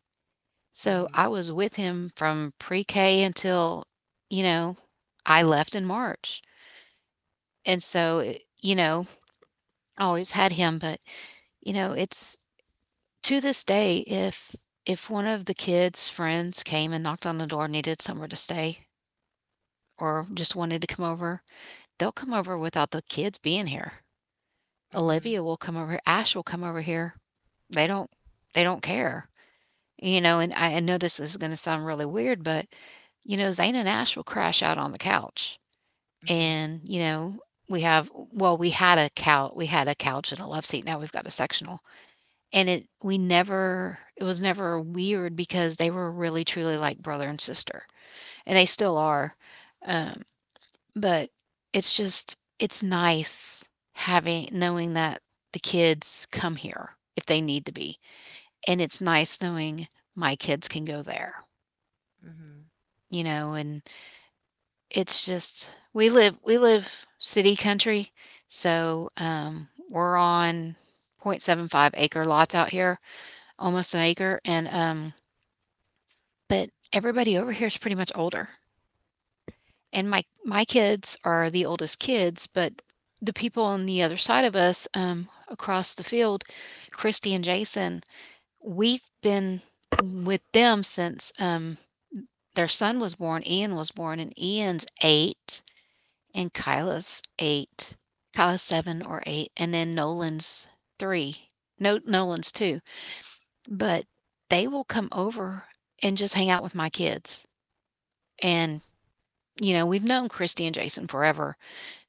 So Mhm. I was with him from pre-K until, you know, I left in March. And so, it you know, I always had him, but, you know, it's to this day, if one of the kids' friends came and knocked on the door, needed somewhere to stay, or just wanted to come over, they'll come over without the kids being here. Mhm. Olivia will come over here, Ash will come over here. They don't they don't care, you know, and I know this is gonna sound really weird, but, you know, Zane and Ash will crash out on the couch. Mhm. And, you know, we had a couch, we had a couch and a love seat, now we've got a sectional. And it was never weird because they were really truly like brother and sister, and they still are. Um, but it's just it's nice having knowing that the kids come here if they need to be, and it's nice knowing my kids can go there, Mhm. you know, and it's just we live city country, so, we're on 0.75 acre lots out here, almost an acre, and, but everybody over here is pretty much older. And my kids are the oldest kids, but the people on the other side of us, across the field, Christy and Jason, we've been with them since their son was born, Ian was born, and Ian's eight, and Kyla's eight, Kyla's seven or eight, and then Nolan's three, no, Nolan's two. But they will come over and just hang out with my kids. And you know, we've known Christy and Jason forever,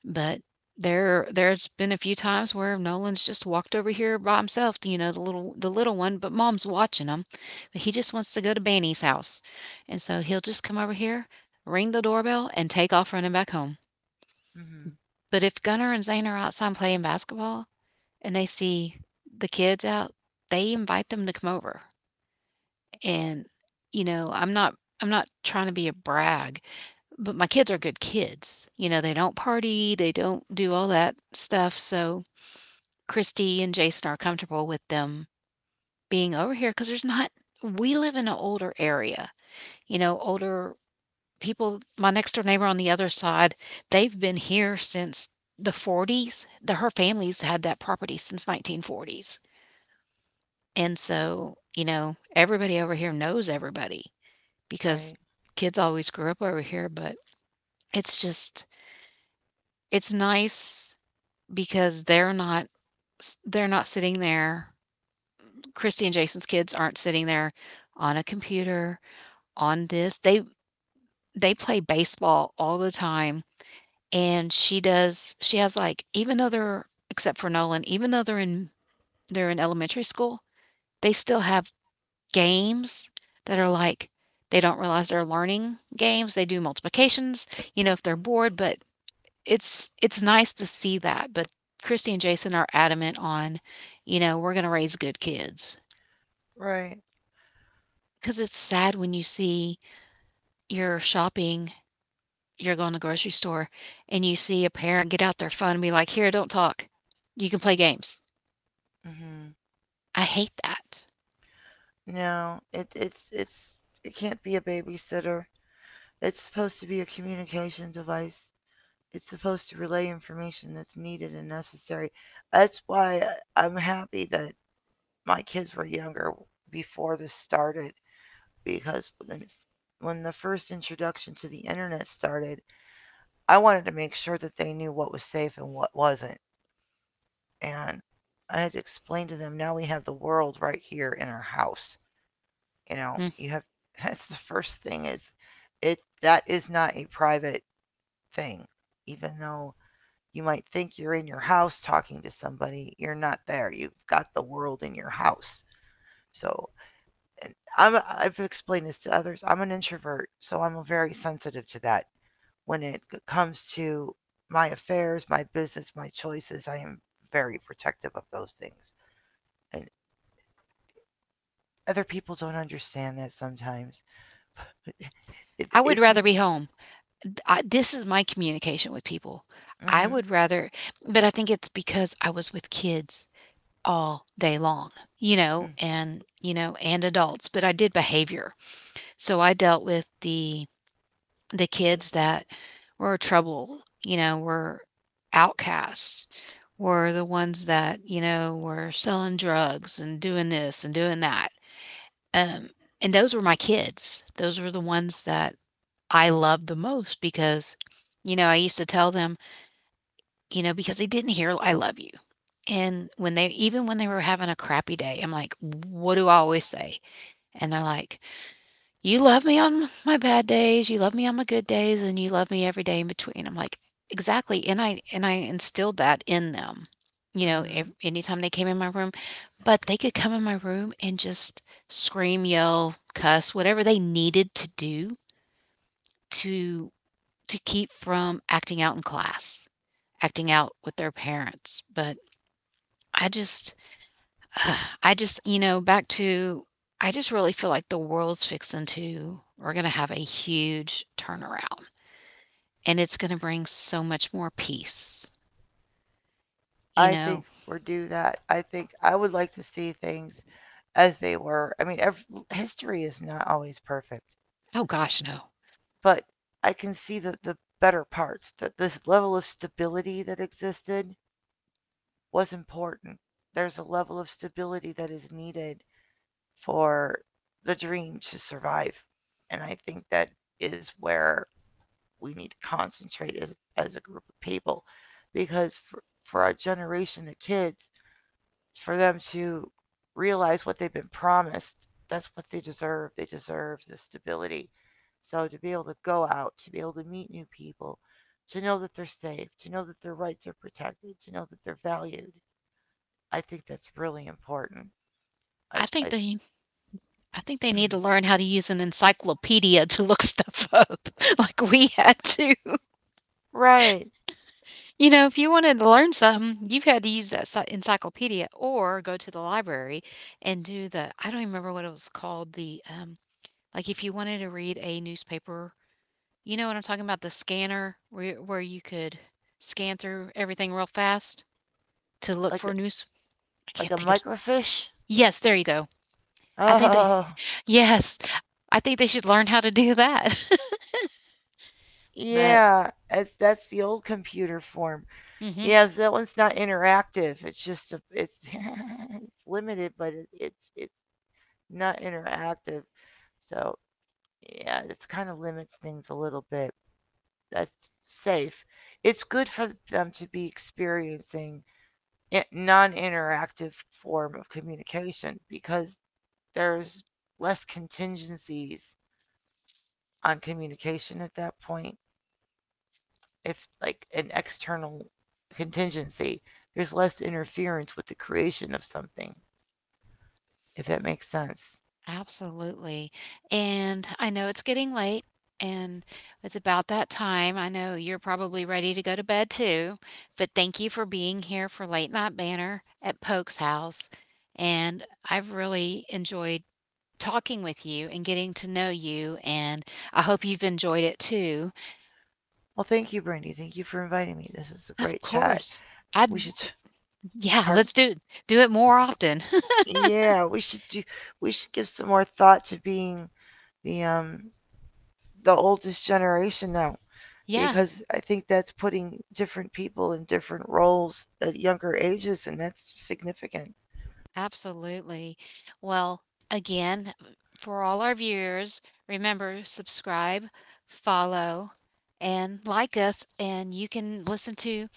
but there's been a few times where Nolan's just walked over here by himself, you know, the little one, but mom's watching him. But he just wants to go to Banny's house. And so he'll just come over here, ring the doorbell, and take off running back home. Mhm. But if Gunnar and Zane are outside playing basketball and they see the kids out, they invite them to come over. And, you know, I'm not trying to be a brag, but my kids are good kids. You know, they don't party, they don't do all that stuff. So Christy and Jason are comfortable with them being over here because there's not, we live in an older area, you know, older people. My next door neighbor on the other side, they've been here since the 40s. The, her family's had that property since 1940s. And so, you know, everybody over here knows everybody because Right. kids always grew up over here, but it's just, it's nice because they're not sitting there. Christy and Jason's kids aren't sitting there on a computer, on this. They play baseball all the time and she has like even though they're except for Nolan, even though they're in elementary school, they still have games that are like they don't realize they're learning games. They do multiplications, you know, if they're bored, but it's nice to see that, but Christy and Jason are adamant on, you know, "We're gonna raise good kids." Right. Cause it's sad when you see you're shopping, you're going to the grocery store, and you see a parent get out their phone and be like, "Here, don't talk. You can play games." Mhm. I hate that. No, it's it can't be a babysitter. It's supposed to be a communication device. It's supposed to relay information that's needed and necessary. That's why I'm happy that my kids were younger before this started because when the first introduction to the internet started, I wanted to make sure that they knew what was safe and what wasn't. And I had to explain to them now we have the world right here in our house. You know, Mm. you have that's the first thing is it that is not a private thing. Even though you might think you're in your house talking to somebody, you're not there. You've got the world in your house. So and I've explained this to others. I'm an introvert, so I'm very sensitive to that. When it comes to my affairs, my business, my choices, I am very protective of those things. And other people don't understand that sometimes. It, I would it's rather be home. I this is my communication with people. I mm-hmm, would rather but I think it's because I was with kids all day long, mm, you know, and adults, but I did behavior. So I dealt with the kids that were trouble, you know, were outcasts, were the ones that, you know, were selling drugs and doing this and doing that. Um, and those were my kids. Those were the ones that I loved the most because, you know, I used to tell them, you know, because they didn't hear I love you. And when they, even when they were having a crappy day, I'm like, what do I always say? And they're like, you love me on my bad days, you love me on my good days, and you love me every day in between. I'm like, exactly. And I instilled that in them. You know, mm-hmm. ev- anytime they came in my room, but they could come in my room and just scream, yell, cuss, whatever they needed to do to to keep from acting out in class, acting out with their parents. But I just ugh, I just you know, back to I just really feel like the world's fixing to we're gonna have a huge turnaround, and it's gonna bring so much more peace, you I think know? we're due that. I think I would like to see things as they were. I mean, history is not always perfect, Oh gosh, no. but I can see the better parts. That this level of stability that existed was important. There's a level of stability that is needed for the dream to survive, and I think that is where we need to concentrate as a group of people because for our generation of kids, for them to realize what they've been promised, that's what they deserve. They deserve the stability. So to be able to go out, to be able to meet new people, to know that they're safe, to know that their rights are protected, to know that they're valued, I think that's really important. I, I think I, they I think they need mm. to learn how to use an encyclopedia to look stuff up, like we had to. Right, You know, if you wanted to learn something, you've had to use that sci encyclopedia or go to the library and do the I don't even remember what it was called, the, like, if you wanted to read a newspaper you know what I'm talking about? The scanner where you could scan through everything real fast to look like for news? I like can't a think of microfiche. yes, there you go. I think they Oh, Yes. I think they should learn how to do that. But yeah, that's the old computer form. mhm, Yeah, that one's not interactive. It's just a, it's it's limited, but it's not interactive. So yeah, it's kind of limits things a little bit. That's safe. It's good for them to be experiencing non-interactive form of communication because there's less contingencies on communication at that point. If like an external contingency, there's less interference with the creation of something, if that makes sense. absolutely. And I know it's getting late, and it's about that time. I know you're probably ready to go to bed too, but thank you for being here for Late Night Banter at Poke's house, and I've really enjoyed talking with you and getting to know you, and I hope you've enjoyed it too. Well, thank you, Brandy. Thank you for inviting me. This is a Of great chat. course. I'd We should, yeah, pardon. let's do do it more often. Yeah, we should do. We should give some more thought to being the the oldest generation now Yeah, because I think that's putting different people in different roles at younger ages, and that's significant. absolutely. Well, again, for all our viewers, remember subscribe, follow, and like us, and you can listen to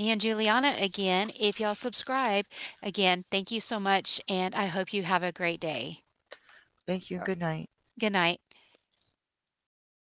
me and Juliana again if y'all subscribe. Again, thank you so much, and I hope you have a great day. Thank you and good Or night. good night. I